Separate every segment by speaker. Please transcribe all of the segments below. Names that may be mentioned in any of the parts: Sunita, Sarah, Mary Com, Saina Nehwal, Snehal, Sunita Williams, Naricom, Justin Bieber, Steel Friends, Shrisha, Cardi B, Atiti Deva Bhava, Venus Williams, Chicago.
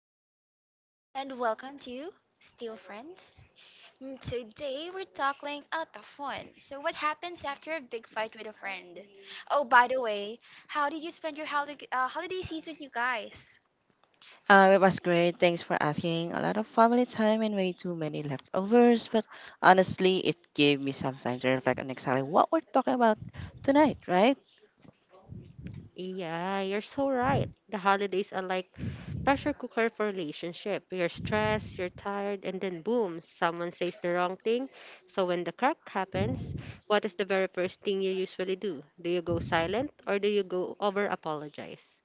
Speaker 1: everyone, and welcome to Steel Friends. And today we're tackling a tough one. So, what happens after a big fight with a friend? Oh, by the way, how did you spend your holiday season, you guys?
Speaker 2: It was great. Thanks for asking. A lot of family time and way too many leftovers, but honestly, it gave me some time to reflect on exactly what we're talking about tonight, right?
Speaker 3: Yeah, you're so right. The holidays are like pressure cooker for relationship. You're stressed, you're tired, and then boom, someone says the wrong thing. So when the crack happens, what is the very first thing you usually do? Do you go silent or do you go over apologize?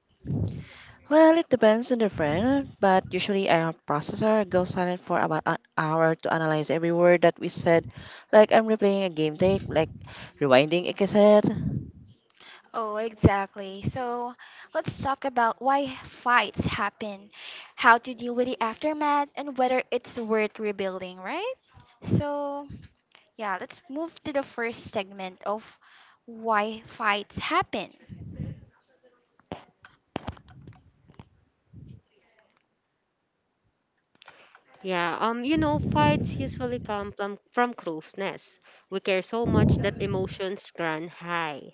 Speaker 2: Well, it depends on the friend, but usually our processor goes silent for about an hour to analyze every word that we said. Like I'm replaying a game tape, like rewinding a cassette.
Speaker 1: Oh, exactly. So, let's talk about why fights happen, how to deal with the aftermath, and whether it's worth rebuilding, right? So, yeah, let's move to the first segment of why fights happen.
Speaker 3: Yeah, you know, fights usually come from closeness. We care so much that emotions run high.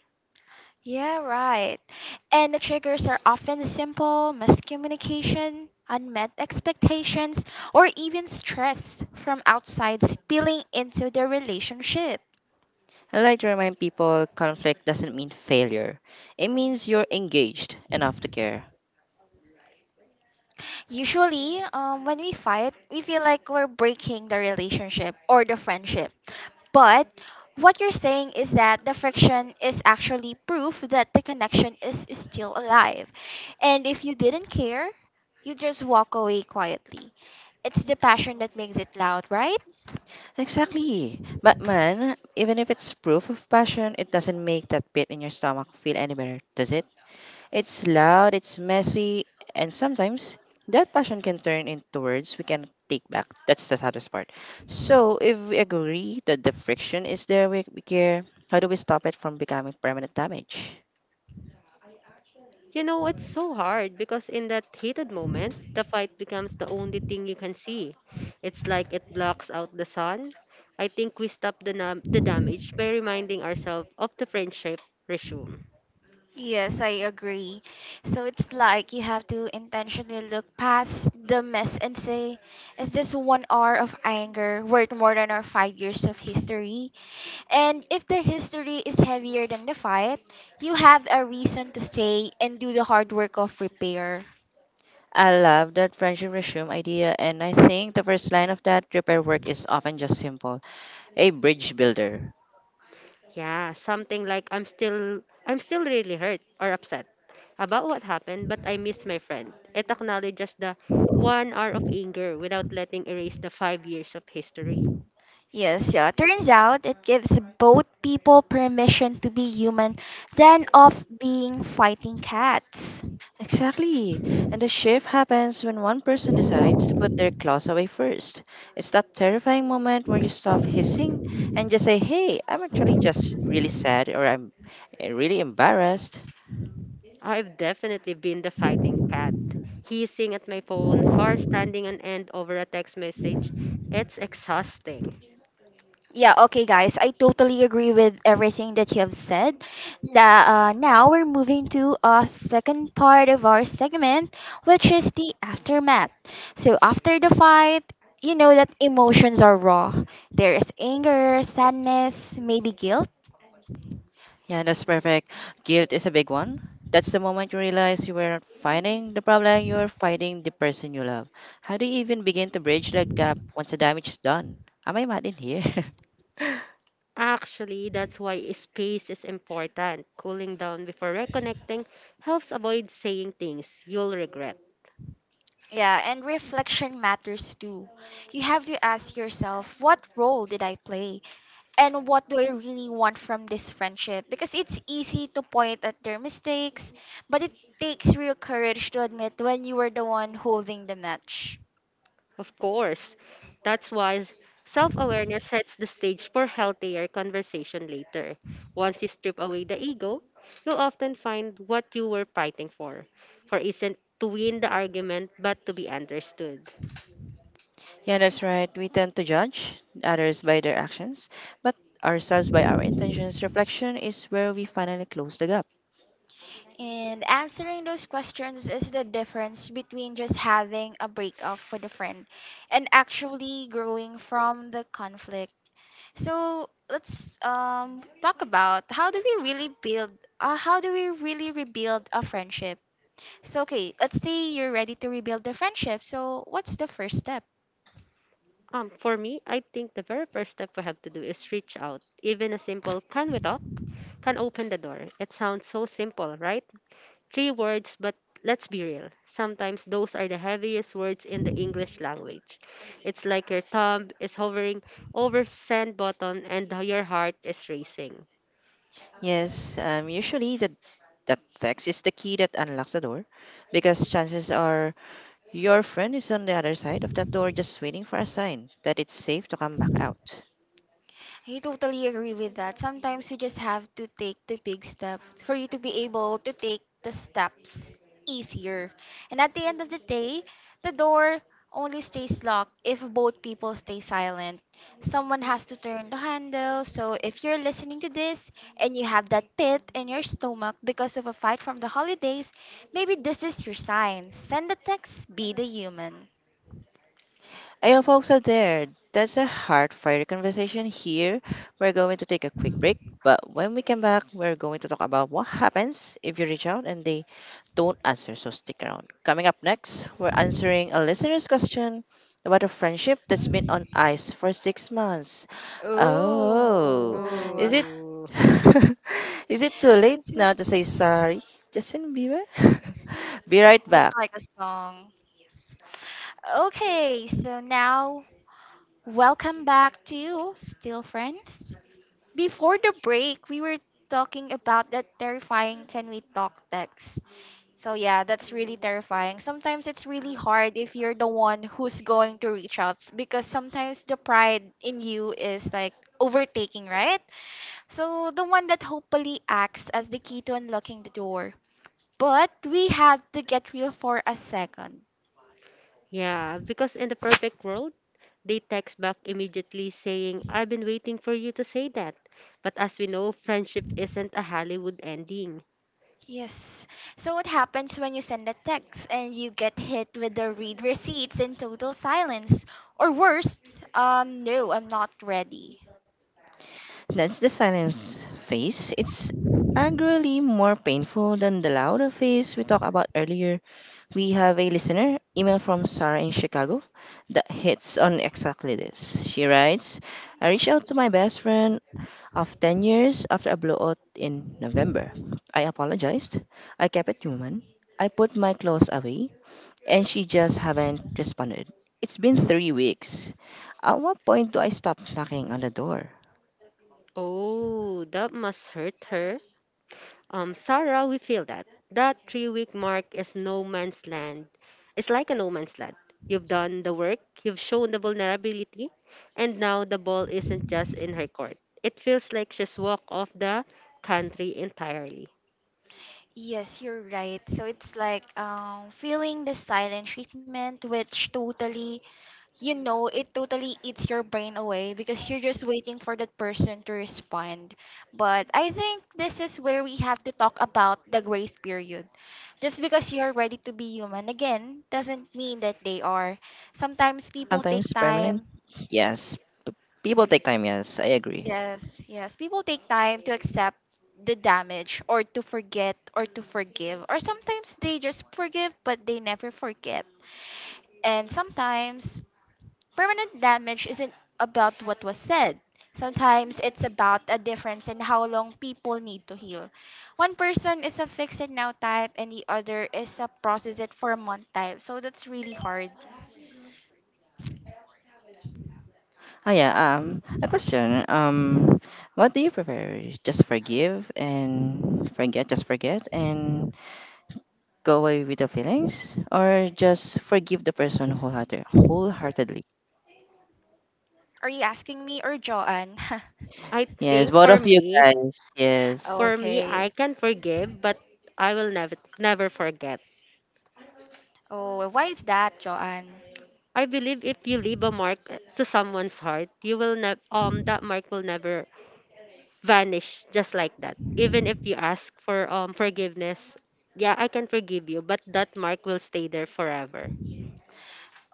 Speaker 1: Yeah, right. And the triggers are often simple miscommunication, unmet expectations, or even stress from outside spilling into the relationship.
Speaker 2: I like to remind people conflict doesn't mean failure. It means you're engaged enough to care.
Speaker 1: Usually, when we fight, we feel like we're breaking the relationship or the friendship. But what you're saying is that the friction is actually proof that the connection is still alive. And if you didn't care, you just walk away quietly. It's the passion that makes it loud, right?
Speaker 2: Exactly. But man, even if it's proof of passion, it doesn't make that pit in your stomach feel any better, does it? It's loud, it's messy, and sometimes that passion can turn into words we can take back. That's the saddest part. So if we agree that the friction is there, we care. How do we stop it from becoming permanent damage?
Speaker 3: You know, it's so hard because in that heated moment, the fight becomes the only thing you can see. It's like it blocks out the sun. I think we stop the damage by reminding ourselves of the friendship resume.
Speaker 1: Yes, I agree. So it's like you have to intentionally look past the mess and say, is this 1 hour of anger worth more than our 5 years of history? And if the history is heavier than the fight, you have a reason to stay and do the hard work of repair.
Speaker 2: I love that friendship resume idea, and I think the first line of that repair work is often just simple a bridge builder.
Speaker 3: Yeah, something like I'm still really hurt or upset about what happened, but I miss my friend. It acknowledges the 1 hour of anger without letting erase the 5 years of history.
Speaker 1: Yes, yeah. Turns out it gives both people permission to be human than of being fighting cats.
Speaker 2: Exactly. And the shift happens when one person decides to put their claws away first. It's that terrifying moment where you stop hissing and just say, hey, I'm actually just really sad or I'm really embarrassed.
Speaker 3: I've definitely been the fighting cat. Hissing at my phone, far standing on end over a text message, it's exhausting.
Speaker 1: Yeah, okay, guys. I totally agree with everything that you have said. That Now we're moving to a second part of our segment, which is the aftermath. So after the fight, you know that emotions are raw. There is anger, sadness, maybe guilt.
Speaker 2: Yeah, that's perfect. Guilt is a big one. That's the moment you realize you weren't fighting the problem, you were fighting the person you love. How do you even begin to bridge that gap once the damage is done? Am I mad in here?
Speaker 3: Actually, that's why space is important. Cooling down before reconnecting helps avoid saying things you'll regret.
Speaker 1: Yeah, and reflection matters too. You have to ask yourself, what role did I play, and what do I really want from this friendship? Because it's easy to point at their mistakes, but it takes real courage to admit when you were the one holding the match.
Speaker 3: Of course. That's why self awareness sets the stage for healthier conversation later. Once you strip away the ego, you'll often find what you were fighting for. For isn't to win the argument, but to be understood.
Speaker 2: Yeah, that's right. We tend to judge others by their actions, but ourselves by our intentions. Reflection is where we finally close the gap.
Speaker 1: And answering those questions is the difference between just having a breakup with a friend and actually growing from the conflict. So let's talk about how do we really rebuild a friendship? So, okay, let's say you're ready to rebuild the friendship. So, what's the first step?
Speaker 3: For me, I think the very first step we have to do is reach out. Even a simple can we talk can open the door. It sounds so simple, right? Three words, but let's be real. Sometimes those are the heaviest words in the English language. It's like your thumb is hovering over send button and your heart is racing.
Speaker 2: Yes, usually the that text is the key that unlocks the door, because chances are your friend is on the other side of that door, just waiting for a sign that it's safe to come back out.
Speaker 1: I totally agree with that. Sometimes you just have to take the big step for you to be able to take the steps easier. And at the end of the day, the door only stays locked if both people stay silent. Someone has to turn the handle. So if you're listening to this and you have that pit in your stomach because of a fight from the holidays, maybe this is your sign. Send a text, be the human.
Speaker 2: Hey, folks out there, that's a hard fire conversation here. We're going to take a quick break, but when we come back, we're going to talk about what happens if you reach out and they don't answer, so stick around. Coming up next, we're answering a listener's question about a friendship that's been on ice for 6 months. Oh,
Speaker 1: Oh,
Speaker 2: is it
Speaker 3: Ooh.
Speaker 2: is it too late now to say sorry, Justin Bieber? Be right
Speaker 1: that's
Speaker 2: back.
Speaker 1: like a song. Okay, so now welcome back to Still Friends. Before the break, we were talking about that terrifying can we talk text. So yeah, that's really terrifying. Sometimes it's really hard if you're the one who's going to reach out because sometimes the pride in you is like overtaking, right? So the one that hopefully acts as the key to unlocking the door. But we had to get real for a second.
Speaker 3: Yeah, because in the perfect world, they text back immediately saying, I've been waiting for you to say that. But as we know, friendship isn't a Hollywood ending.
Speaker 1: Yes. So what happens when you send a text and you get hit with the read receipts in total silence? Or worse, no, I'm not ready.
Speaker 2: That's the silence phase. It's arguably more painful than the louder phase we talked about earlier. We have a listener email from Sarah in Chicago that hits on exactly this. She writes, I reached out to my best friend of 10 years after a blowout in November. I apologized. I kept it human. I put my clothes away and she just haven't responded. It's been 3 weeks. At what point do I stop knocking on the door?
Speaker 3: Oh, that must hurt her. Sarah, we feel that. That 3 week mark is no man's land. It's like a no man's land. You've done the work, you've shown the vulnerability, and now the ball isn't just in her court. It feels like she's walked off the country entirely.
Speaker 1: Yes, you're right. So it's like feeling the silent treatment, which totally it totally eats your brain away, because you're just waiting for that person to respond. But I think this is where we have to talk about the grace period. Just because you're ready to be human again doesn't mean that they are. Sometimes people take
Speaker 2: Sometimes
Speaker 1: time.
Speaker 2: permanent? Yes. P- People take time, yes. I agree.
Speaker 1: Yes, yes, people take time to accept the damage, or to forget, or to forgive, or sometimes they just forgive but they never forget. And sometimes permanent damage isn't about what was said. Sometimes it's about a difference in how long people need to heal. One person is a fix it now type, and the other is a process it for a month type. So that's really hard.
Speaker 2: Yeah, a question. What do you prefer? Just forgive and forget, just forget and go away with the feelings or just forgive the person wholeheartedly?
Speaker 1: Are you asking me or Joanne?
Speaker 3: I
Speaker 2: Yes,
Speaker 3: think
Speaker 2: both
Speaker 3: for
Speaker 2: of you
Speaker 3: me,
Speaker 2: guys. Yes.
Speaker 3: For me, I
Speaker 1: Okay.
Speaker 3: can forgive, but I will never forget.
Speaker 1: Oh, why is that, Joanne?
Speaker 3: I believe if you leave a mark to someone's heart, you will that mark will never vanish just like that. Even if you ask for forgiveness, yeah, I can forgive you, but that mark will stay there forever.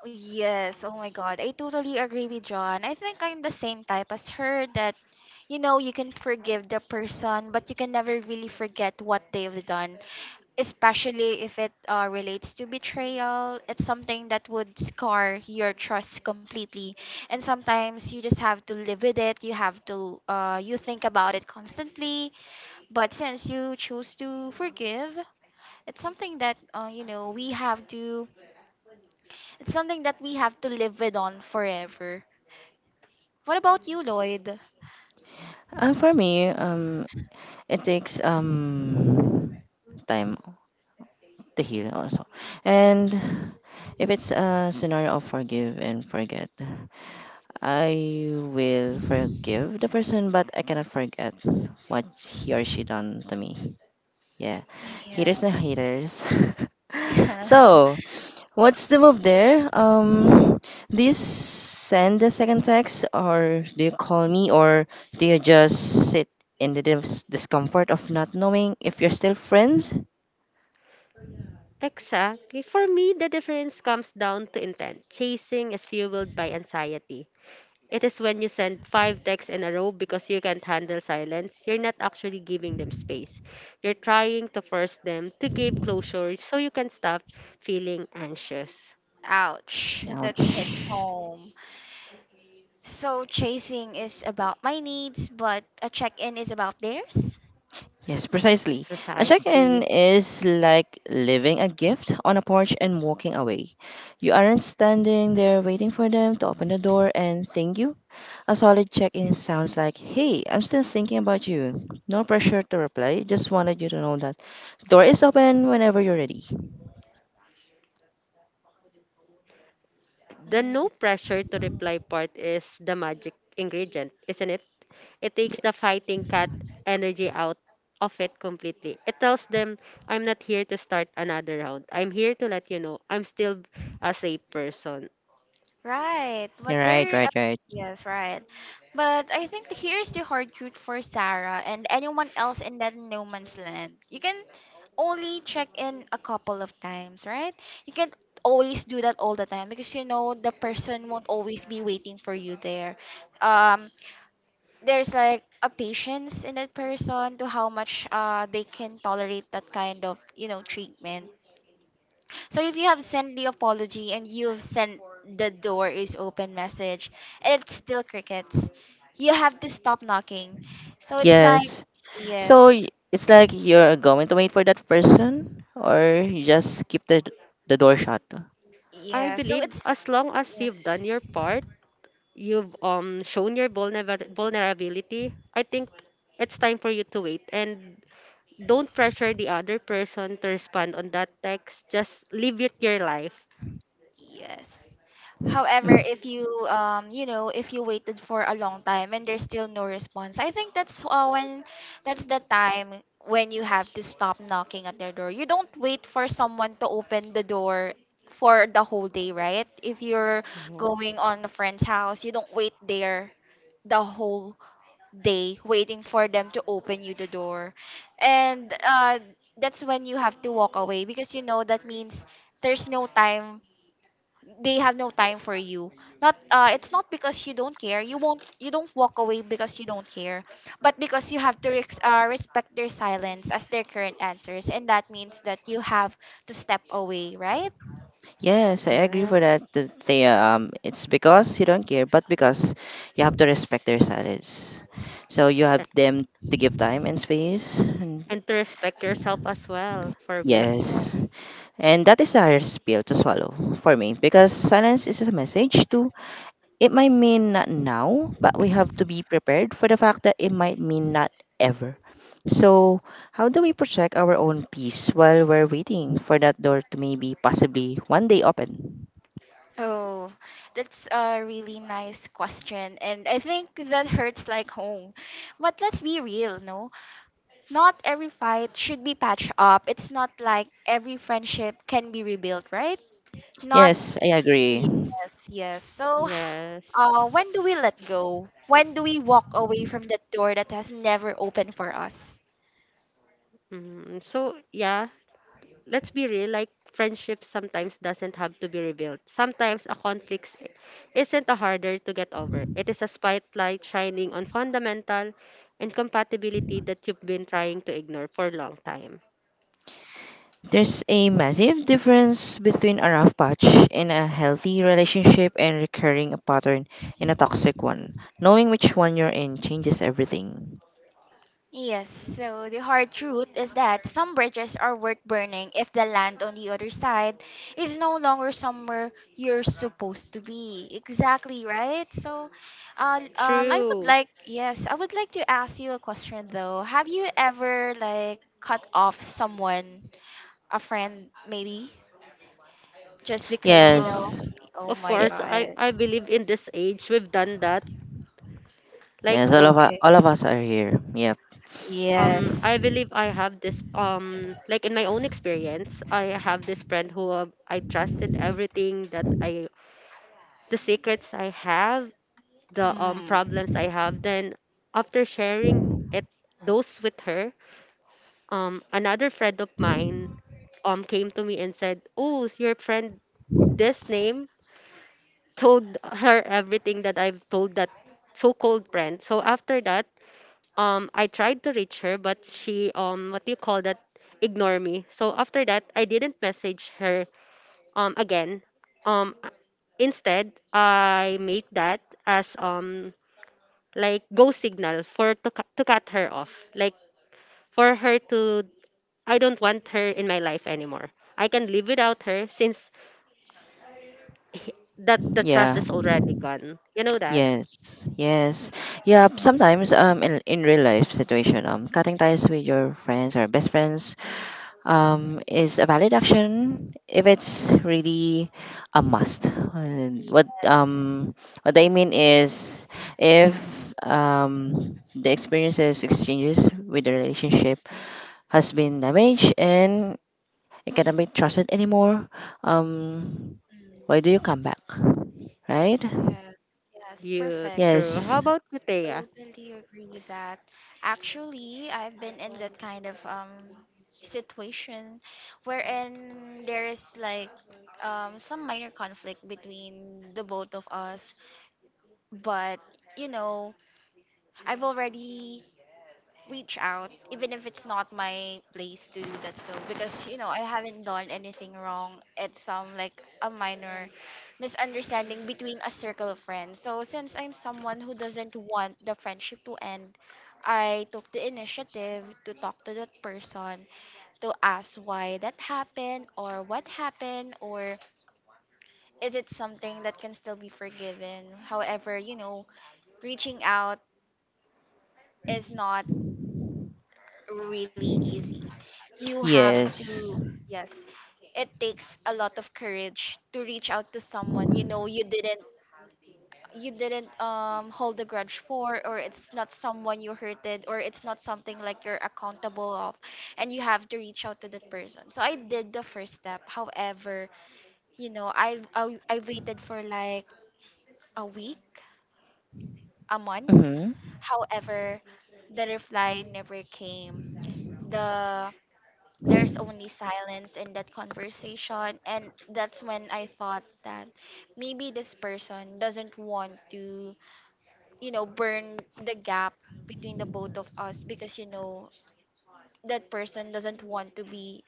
Speaker 1: Yes, oh my god. I totally agree with John. I think I'm the same type as her, that you know, you can forgive the person, but you can never really forget what they've done. Especially if it relates to betrayal, it's something that would scar your trust completely. And sometimes you just have to live with it. You have to, you think about it constantly, but since you choose to forgive, it's something that you know, we have to it's something that we have to live with on forever. What about you, Lloyd?
Speaker 2: For me, it takes time to heal also, and if it's a scenario of forgive and forget, I will forgive the person, but I cannot forget what he or she done to me. Yeah, haters and
Speaker 1: Yes.
Speaker 2: haters. So, what's the move there? Do you send the second text, or do you call me, or do you just sit in the discomfort of not knowing if you're still friends?
Speaker 3: Exactly. For me, the difference comes down to intent. Chasing is fueled by anxiety. It is when you send five texts in a row because you can't handle silence, you're not actually giving them space. You're trying to force them to give closure so you can stop feeling anxious.
Speaker 1: Ouch,
Speaker 2: Ouch.
Speaker 1: that hits home. So chasing is about my needs, but a check-in is about theirs.
Speaker 2: Yes, precisely. A check in
Speaker 3: Precisely.
Speaker 2: is like leaving a gift on a porch and walking away. You aren't standing there waiting for them to open the door and thank you. A solid check in sounds like, hey, I'm still thinking about you. No pressure to reply, just wanted you to know that door is open whenever you're ready.
Speaker 3: The no
Speaker 1: Mm,
Speaker 3: pressure to reply part is the magic ingredient, isn't it? It
Speaker 2: Y-
Speaker 3: takes the fighting cat energy out of it completely. It tells them, I'm not here to start another round. I'm here to let you know I'm still a safe person.
Speaker 1: right.
Speaker 2: Yeah, right, right, right.
Speaker 1: Yes, right. But I think here's the hard truth for Sarah and anyone else in that no man's land. You can only check in a couple of times, right? You can always do that all the time, because you know the person won't always be waiting for you there. Um, there's like a patience in that person to how much they can tolerate that kind of, you know, treatment. So if you have sent the apology, and you have sent the door is open message, and it's still crickets, you have to stop knocking. So it's like
Speaker 2: Yes. So
Speaker 1: yes.
Speaker 2: it's like you're going to wait for that person or you just keep the door shut.
Speaker 3: I
Speaker 1: Yeah, so
Speaker 3: believe
Speaker 1: it's
Speaker 3: as long as
Speaker 1: yes.
Speaker 3: you've done your part, you've shown your vulnerability, I think it's time for you to wait and don't pressure the other person to respond on that text. Just live it your life.
Speaker 1: Yes. However, if you you know, if you waited for a long time and there's still no response, I think that's the time when you have to stop knocking at their door. You don't wait for someone to open the door for the whole day, right? If you're going on a friend's house, you don't wait there the whole day waiting for them to open you the door. And that's when you have to walk away, because you know that means there's no time, they have no time for you. Not It's not because you don't care, you don't walk away because you don't care, but because you have to rex respect their silence as their current answers, and that means that you have to step away, right?
Speaker 2: Yes, I agree
Speaker 3: Yeah.
Speaker 2: for that. That they it's because you don't care, but because you have to respect their silence. So you have
Speaker 3: a-
Speaker 2: them to give time and space. And
Speaker 3: and to respect yourself as well for me.
Speaker 2: yes,
Speaker 1: Yes.
Speaker 2: and that is a hard pill to swallow for me because silence is a message too. It might mean not now, but we have to be prepared for the fact that it might mean not ever. So how do we protect our own peace while we're waiting for that door to maybe possibly one day open?
Speaker 1: Oh, that's a really nice question, and I think that hurts like home. But let's be real, no? Not every fight should be patched up. It's not like every friendship can be rebuilt, right? Not
Speaker 2: Yes, I agree.
Speaker 1: yes, yes. So,
Speaker 3: Yes.
Speaker 1: when do we let go? When do we walk away from that door that has never opened for us?
Speaker 3: Mm, so yeah, let's be real. Like friendship sometimes doesn't have to be rebuilt. Sometimes isn't a harder to get over. It is a spotlight shining on fundamental incompatibility that you've been trying to ignore for a long time.
Speaker 2: There's a massive difference between a rough patch in a healthy relationship and recurring a pattern in a toxic one. Knowing which one you're in changes everything.
Speaker 1: Yes, so the hard truth is that some bridges are worth burning if the land on the other side is no longer somewhere you're supposed to be. Exactly, right? So, I would
Speaker 3: True.
Speaker 1: like, yes, I would like to ask you a question though. Have you ever like cut off someone, a friend maybe? Just because you
Speaker 3: Um.
Speaker 1: know,
Speaker 2: Yes.
Speaker 1: oh
Speaker 3: Of
Speaker 1: my
Speaker 2: Ye-
Speaker 3: course, I
Speaker 1: god,
Speaker 3: I believe in this age we've done that. Like
Speaker 2: Yes, all of us,
Speaker 1: okay,
Speaker 2: all of us are here. Yep.
Speaker 1: yes.
Speaker 3: I believe I have this like in my own experience I have this friend who I trusted everything that I the secrets I have the
Speaker 1: Hmm.
Speaker 3: problems I have then after sharing it those with her, another friend of mine came to me and said, oh, your friend this name told her everything that I've told that so-called friend. So after that I tried to reach her, but she what do you call that, ignore me. So after that I didn't message her again. Um Instead I made that as like go signal for to cut her off. Like for her to I don't want her in my life anymore. I can live without her since that the trust
Speaker 2: Yeah.
Speaker 3: is already gone. You know that.
Speaker 2: Yes. Yes. Yeah. Sometimes in real life situation cutting ties with your friends or best friends, is a valid action if it's really a must. And What
Speaker 1: Yes,
Speaker 2: um, what I
Speaker 1: yes,
Speaker 2: mean is, if the experiences exchanges with the relationship has been damaged and it cannot be trusted anymore, um, why
Speaker 1: mm,
Speaker 2: do you come back? Right?
Speaker 1: yes, yes,
Speaker 3: You
Speaker 1: perfect.
Speaker 3: true.
Speaker 2: Yes.
Speaker 3: How about you, Thea?
Speaker 1: Totally agree with that. Actually, I've been in that kind of situation wherein there is like some minor conflict between the both of us, but you know, I've already reach out even if it's not my place to do that, so because you know, I haven't done anything wrong. It's some like a minor misunderstanding between a circle of friends, so since I'm someone who doesn't want the friendship to end, I took the initiative to talk to that person, to ask why that happened, or what happened, or is it something that can still be forgiven. However, you know, reaching out is not really easy. You have
Speaker 2: Yes.
Speaker 1: to, yes, it takes a lot of courage to reach out to someone you know. You didn't, hold a grudge for, or it's not someone you hurted, or it's not something like you're accountable of, and you have to reach out to that person. So I did the first step. However, you know, I waited for like a week, a month.
Speaker 2: Mm-hmm.
Speaker 1: However, the reply never came. the there's only silence in that conversation, and that's when I thought that maybe this person doesn't want to, you know, burn the gap between the both of us, because you know, that person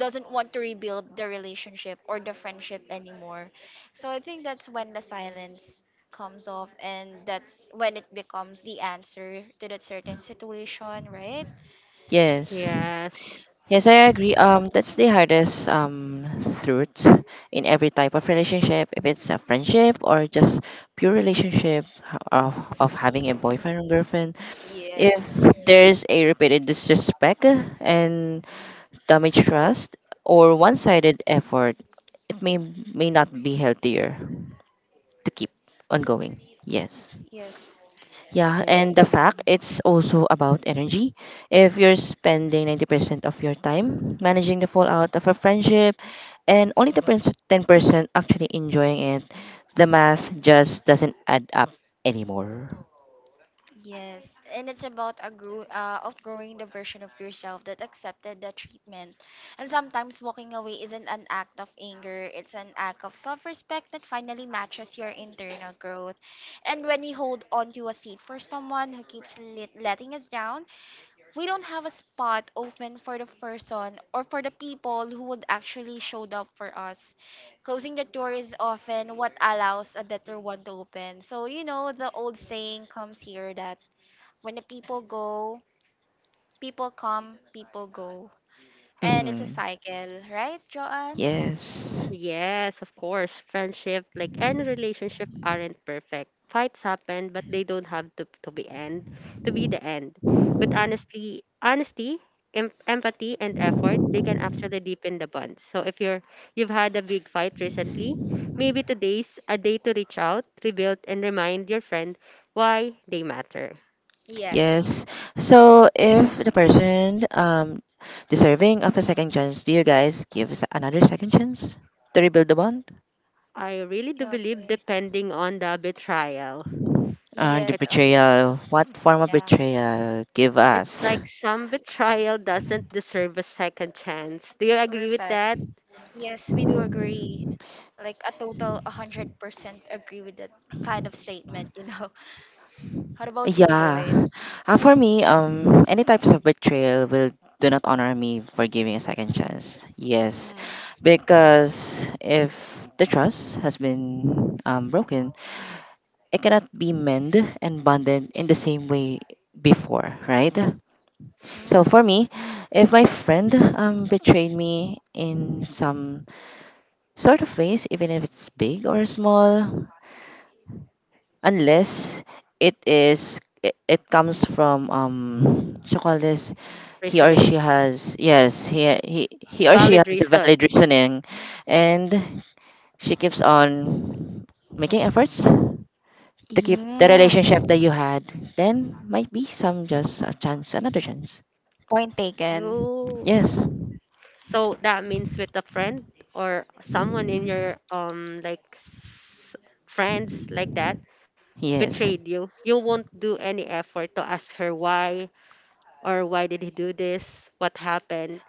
Speaker 1: doesn't want to rebuild the relationship or the friendship anymore. So I think that's when the silence comes off, and that's when it becomes the answer to that certain situation, right?
Speaker 2: Yes.
Speaker 3: Yes.
Speaker 2: Yes, I agree. That's the hardest truth in every type of relationship, if it's a friendship or just pure relationship of having a boyfriend or girlfriend.
Speaker 1: Yes.
Speaker 2: If there's a repeated disrespect and damage trust or one-sided effort, it may not be healthier to keep ongoing. Yes.
Speaker 1: Yes.
Speaker 2: Yeah, and
Speaker 3: Yeah.
Speaker 2: the fact it's also about energy. If you're spending 90% of your time managing the fallout of a friendship and only the 10% actually enjoying it, the math just doesn't add up anymore.
Speaker 1: Yes, and it's about a outgrowing the version of yourself that accepted the treatment. And sometimes walking away isn't an act of anger, it's an act of self respect that finally matches your internal growth. And when we hold on to a seat for someone who keeps letting us down, we don't have a spot open for the person or for the people who would actually showed up for us. Closing the door is often what allows a better one to open. So, the old saying comes here that when the people go, people go. And it's a
Speaker 2: Hmm.
Speaker 1: cycle, right, Joanne?
Speaker 2: Yes.
Speaker 3: Yes, of course. Friendship, like any relationship, aren't perfect. Fights happen, but they don't have to be end to be the end. With honestly, honesty, empathy, and effort, they can actually deepen the bond. So if you're you've had a big fight recently, maybe today's a day to reach out, rebuild, and remind your friend why they matter.
Speaker 1: Yes.
Speaker 2: Yes. So if the person deserving of a second chance, do you guys give another second chance to rebuild the bond?
Speaker 3: I really do believe,
Speaker 1: Okay.
Speaker 3: depending on the betrayal,
Speaker 2: The
Speaker 1: Yes, oh
Speaker 3: it's
Speaker 1: yes.
Speaker 2: betrayal. What form of
Speaker 1: Yeah,
Speaker 2: betrayal give
Speaker 3: it's
Speaker 2: us?
Speaker 3: like some betrayal doesn't deserve a second chance. Do you agree with
Speaker 1: perfect.
Speaker 3: that
Speaker 1: Yes, we do agree. Like a total 100% agree with that kind of statement. How about you,
Speaker 2: Yeah.
Speaker 1: Lloyd?
Speaker 2: For me, any types of betrayal will do not honor me for giving a second chance. Yes, because if the trust has been broken, it cannot be mended and bonded in the same way before, right? So for
Speaker 1: Mm-hmm.
Speaker 2: me, if my friend betrayed me in some sort of ways, even if it's big or small, unless it comes from what you call this, he or she
Speaker 3: reasoning?
Speaker 2: has, yes, he or she
Speaker 3: Valid
Speaker 2: has a
Speaker 3: reason.
Speaker 2: valid reasoning, and she keeps on making efforts to keep the
Speaker 1: Yeah,
Speaker 2: relationship that you had, then might be some just a chance, another chance.
Speaker 1: point taken.
Speaker 3: Oh,
Speaker 2: Yes,
Speaker 3: so that means with a friend or someone in your like friends like that
Speaker 2: yes,
Speaker 3: betrayed you. You won't do any effort to ask her why or why did he do this? What happened?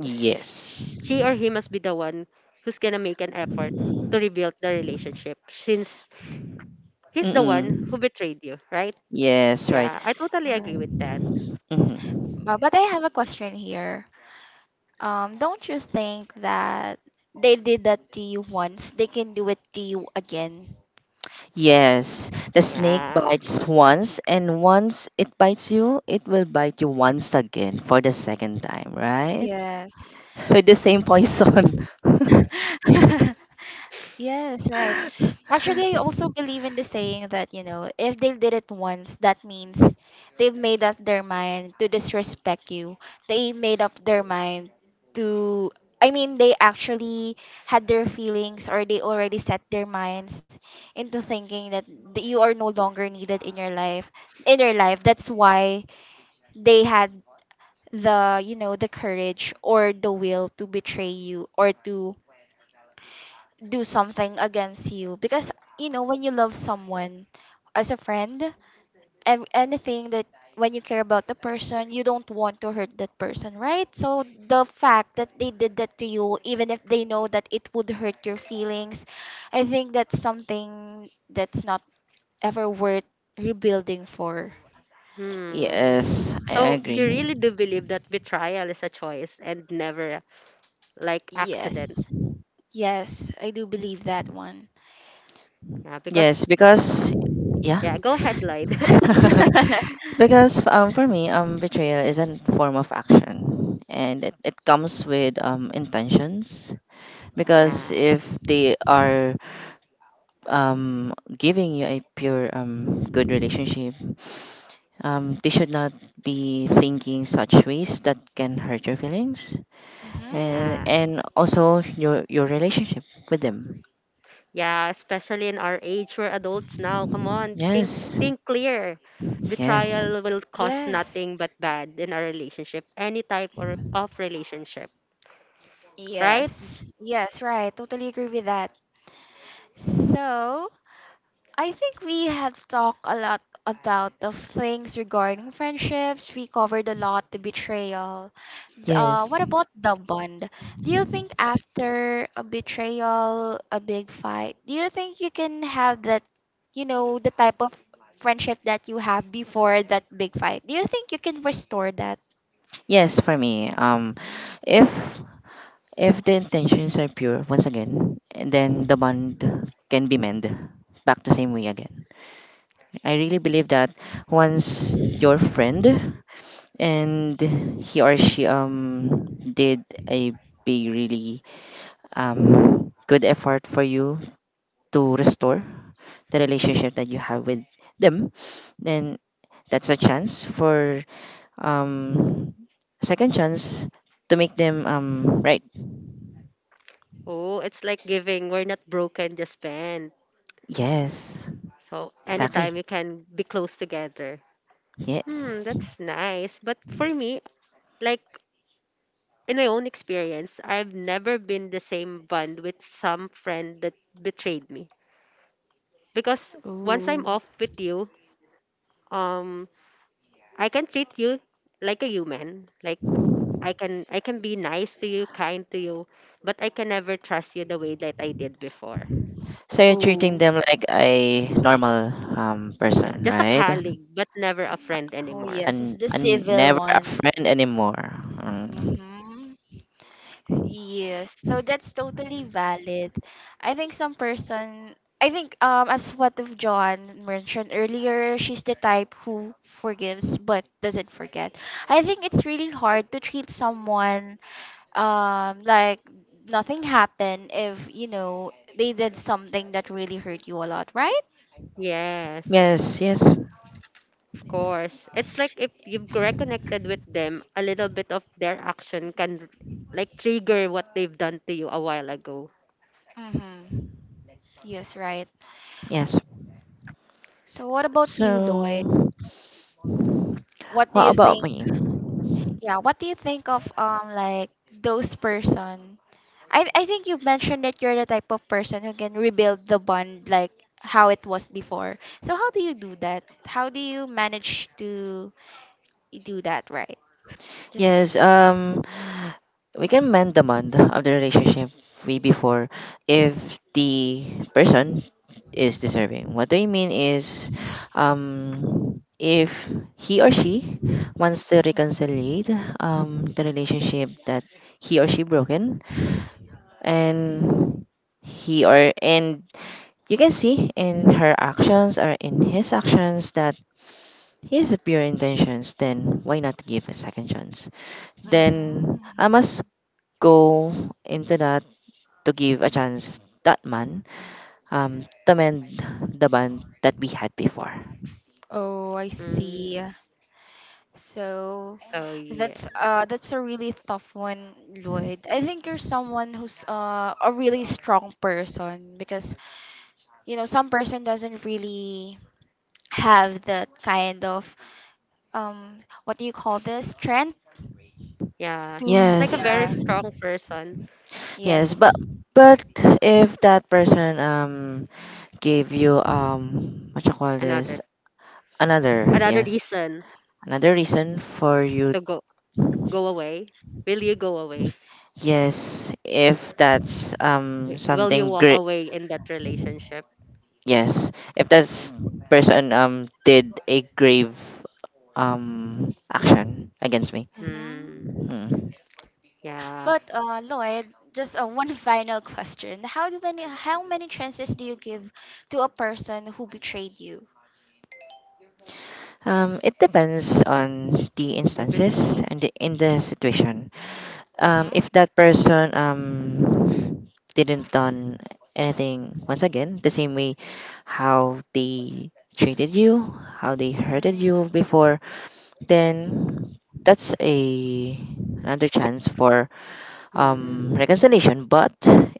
Speaker 2: yes.
Speaker 3: She or he must be the one who's gonna make an effort to rebuild the relationship since he's the one who
Speaker 2: Mm-mm.
Speaker 3: betrayed you, right?
Speaker 2: Yes, right.
Speaker 3: Yeah, I totally agree
Speaker 1: Alright.
Speaker 3: with that.
Speaker 2: Mm-hmm.
Speaker 1: But I have a question here. Don't you think that they did that to you once, they can do it to you again?
Speaker 2: Yes, the snake
Speaker 3: Yeah.
Speaker 2: bites once, and once it bites you, it will bite you once again for the second time, right?
Speaker 1: Yes.
Speaker 2: With the same poison.
Speaker 1: Yes, right. Actually, I also believe in the saying that if they did it once, that means they've made up their mind to disrespect you. They made up their mind to, I mean, they actually had their feelings, or they already set their minds into thinking that you are no longer needed in your life. In your life, that's why they had the courage or the will to betray you or to do something against you. Because you know, when you love someone as a friend and anything that, when you care about the person, you don't want to hurt that person, right? So the fact that they did that to you, even if they know that it would hurt your feelings, I think that's something that's not ever worth rebuilding for.
Speaker 3: Hmm. So,
Speaker 2: Yes, I
Speaker 3: so you
Speaker 2: agree.
Speaker 3: really do believe that betrayal is a choice and never like accident.
Speaker 1: Yes, yes, I do believe that one.
Speaker 3: Yeah, because
Speaker 2: Yes, because, yeah,
Speaker 3: yeah, go ahead, Lloyd.
Speaker 2: because for me betrayal is a form of action, and it comes with intentions. Because
Speaker 3: yeah,
Speaker 2: if they are giving you a pure good relationship, they should not be thinking such ways that can hurt your feelings,
Speaker 1: Hmm.
Speaker 2: and
Speaker 3: yeah,
Speaker 2: and also your relationship with them.
Speaker 3: yeah. Especially in our age, we're adults now. Come on,
Speaker 2: Yes,
Speaker 3: think clear.
Speaker 2: yes,
Speaker 3: Betrayal will cause
Speaker 1: Yes,
Speaker 3: nothing but bad in our relationship, any type or of relationship, right?
Speaker 1: yes, yes, right, totally agree with that. So I think we have talked a lot about the things regarding friendships. We covered a lot the betrayal. What
Speaker 2: yes,
Speaker 1: about the bond? Do you think after a betrayal, a big fight, do you think you can have that, the type of friendship that you have before that big fight? Do you think you can restore that?
Speaker 2: yes. For me, um, if if the intentions are pure, once again, and then the bond can be mended back the same way again. I really believe that once your friend and he or she did a big really good effort for you to restore the relationship that you have with them, then that's a chance for um second chance to make them right.
Speaker 3: Oh, it's like giving. We're not broken, just bend.
Speaker 2: Yes,
Speaker 3: So
Speaker 2: exactly.
Speaker 3: anytime you can be close together. Hmm,
Speaker 2: Yes.
Speaker 3: that's nice. But for me, like in my own experience, I've never been the same bond with some friend that betrayed me. Because once I'm
Speaker 1: Ooh,
Speaker 3: off with you, um, I can treat you like a human. Like I can be nice to you, kind to you, but I can never trust you the way that I did before.
Speaker 2: So you're treating
Speaker 1: ooh,
Speaker 2: them like a normal
Speaker 3: Yeah,
Speaker 2: person,
Speaker 3: just a
Speaker 2: right?
Speaker 3: colleague, but never a friend
Speaker 1: oh
Speaker 3: anymore.
Speaker 1: yes, it's
Speaker 2: and
Speaker 1: the
Speaker 2: and
Speaker 1: civil
Speaker 2: never a
Speaker 1: one.
Speaker 2: friend anymore. Mm.
Speaker 1: Mm-hmm. Yes, so that's totally valid. I think some person, I think as what of John mentioned earlier, she's the type who forgives but doesn't forget. I think it's really hard to treat someone like nothing happened if they did something that really hurt you a lot, right?
Speaker 3: Yes.
Speaker 2: Yes, yes,
Speaker 3: Of course. It's like if you've reconnected with them, a little bit of their action can like trigger what they've done to you a while ago.
Speaker 1: Mhm. Yes, right.
Speaker 2: yes.
Speaker 1: So what about you, Lloyd?
Speaker 2: So,
Speaker 1: What do
Speaker 2: what
Speaker 1: you
Speaker 2: about
Speaker 1: think?
Speaker 2: me?
Speaker 1: Yeah, what do you think of like those person? I think you've mentioned that you're the type of person who can rebuild the bond like how it was before. So how do you do that? How do you manage to do that, right? Just
Speaker 2: Yes, we can mend the bond of the relationship we before if the person is deserving. What I mean is, if he or she wants to reconcile the relationship that he or she broken, and he or and you can see in her actions or in his actions that his pure intentions, then why not give a second chance? Then I
Speaker 1: hmm.
Speaker 2: must go into that to give a chance that man, to mend the bond that we had before.
Speaker 1: Oh, I
Speaker 3: Mm.
Speaker 1: see. So
Speaker 3: So yeah.
Speaker 1: that's a really tough one, Lloyd. I think you're someone who's a really strong person, because you know some person doesn't really have that kind of um, what do you call this, strength
Speaker 3: Yeah.
Speaker 1: to
Speaker 3: It's like a
Speaker 2: Yes,
Speaker 3: very
Speaker 1: yeah
Speaker 3: strong person.
Speaker 2: yes,
Speaker 1: yes
Speaker 2: but if that person gave you what you call
Speaker 3: Another
Speaker 2: this, another,
Speaker 3: Another
Speaker 2: yes,
Speaker 3: reason
Speaker 2: another reason for you,
Speaker 3: to go away. Will you go away?
Speaker 2: yes, if that's
Speaker 3: Will you
Speaker 2: something
Speaker 3: walk
Speaker 2: great.
Speaker 3: away in that relationship?
Speaker 2: Yes, if that person did a grave action against me.
Speaker 3: Hmm.
Speaker 1: mm-hmm.
Speaker 2: Hmm.
Speaker 3: Yeah.
Speaker 1: But Lloyd, just one final question: how many chances do you give to a person who betrayed you?
Speaker 2: It depends on the
Speaker 3: A bit.
Speaker 2: instances and in the situation.
Speaker 1: Mm-hmm.
Speaker 2: If that person didn't done anything once again the same way how they treated you, how they hurted
Speaker 1: Mm,
Speaker 2: you before, then that's a another chance for reconciliation,
Speaker 3: Hmm.
Speaker 2: but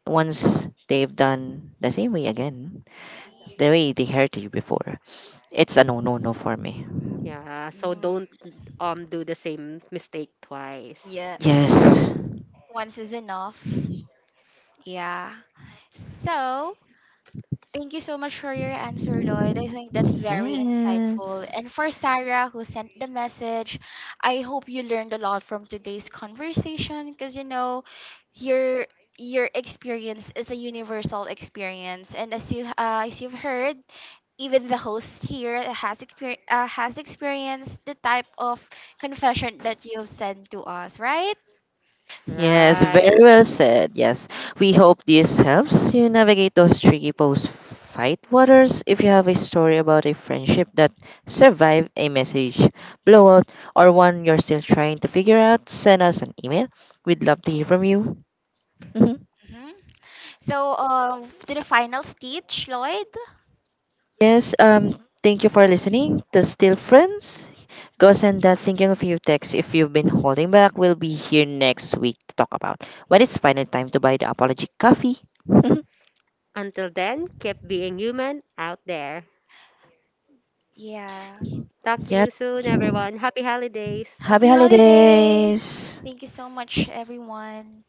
Speaker 2: once they've done the same way again, the way they hurt you before, it's a no no no for me.
Speaker 3: Yeah. So
Speaker 1: mm.
Speaker 3: don't do the same mistake twice.
Speaker 2: Yes.
Speaker 1: Once is enough. Yeah. So thank you so much for your answer, Lloyd. I think that's very insightful.
Speaker 2: Yes.
Speaker 1: And for Sarah, who sent the message, I hope you learned a lot from today's conversation, because your your experience is a universal experience, and as you as you've heard, even the host here has has experienced the type of confession that you've sent to us, right?
Speaker 2: Yes,
Speaker 3: Right.
Speaker 2: very well said. Yes. We hope this helps you navigate those tricky post fight waters. If you have a story about a friendship that survived a message blowout or one you're still trying to figure out, send us an email. We'd love to hear from you. Mhm.
Speaker 1: Hmm. So, to the final stage, Lloyd.
Speaker 2: Yes, thank you for listening to Still Friends. Ghost and that thinking of you text if you've been holding back, we will be here next week to talk about when it's finally time to buy the apology coffee.
Speaker 3: Until then, keep being human out there.
Speaker 1: Yeah.
Speaker 3: Talk to
Speaker 2: Yeah.
Speaker 3: you soon, everyone. Happy holidays.
Speaker 2: Happy
Speaker 1: Happy holidays!
Speaker 2: holidays.
Speaker 1: Thank you so much, everyone.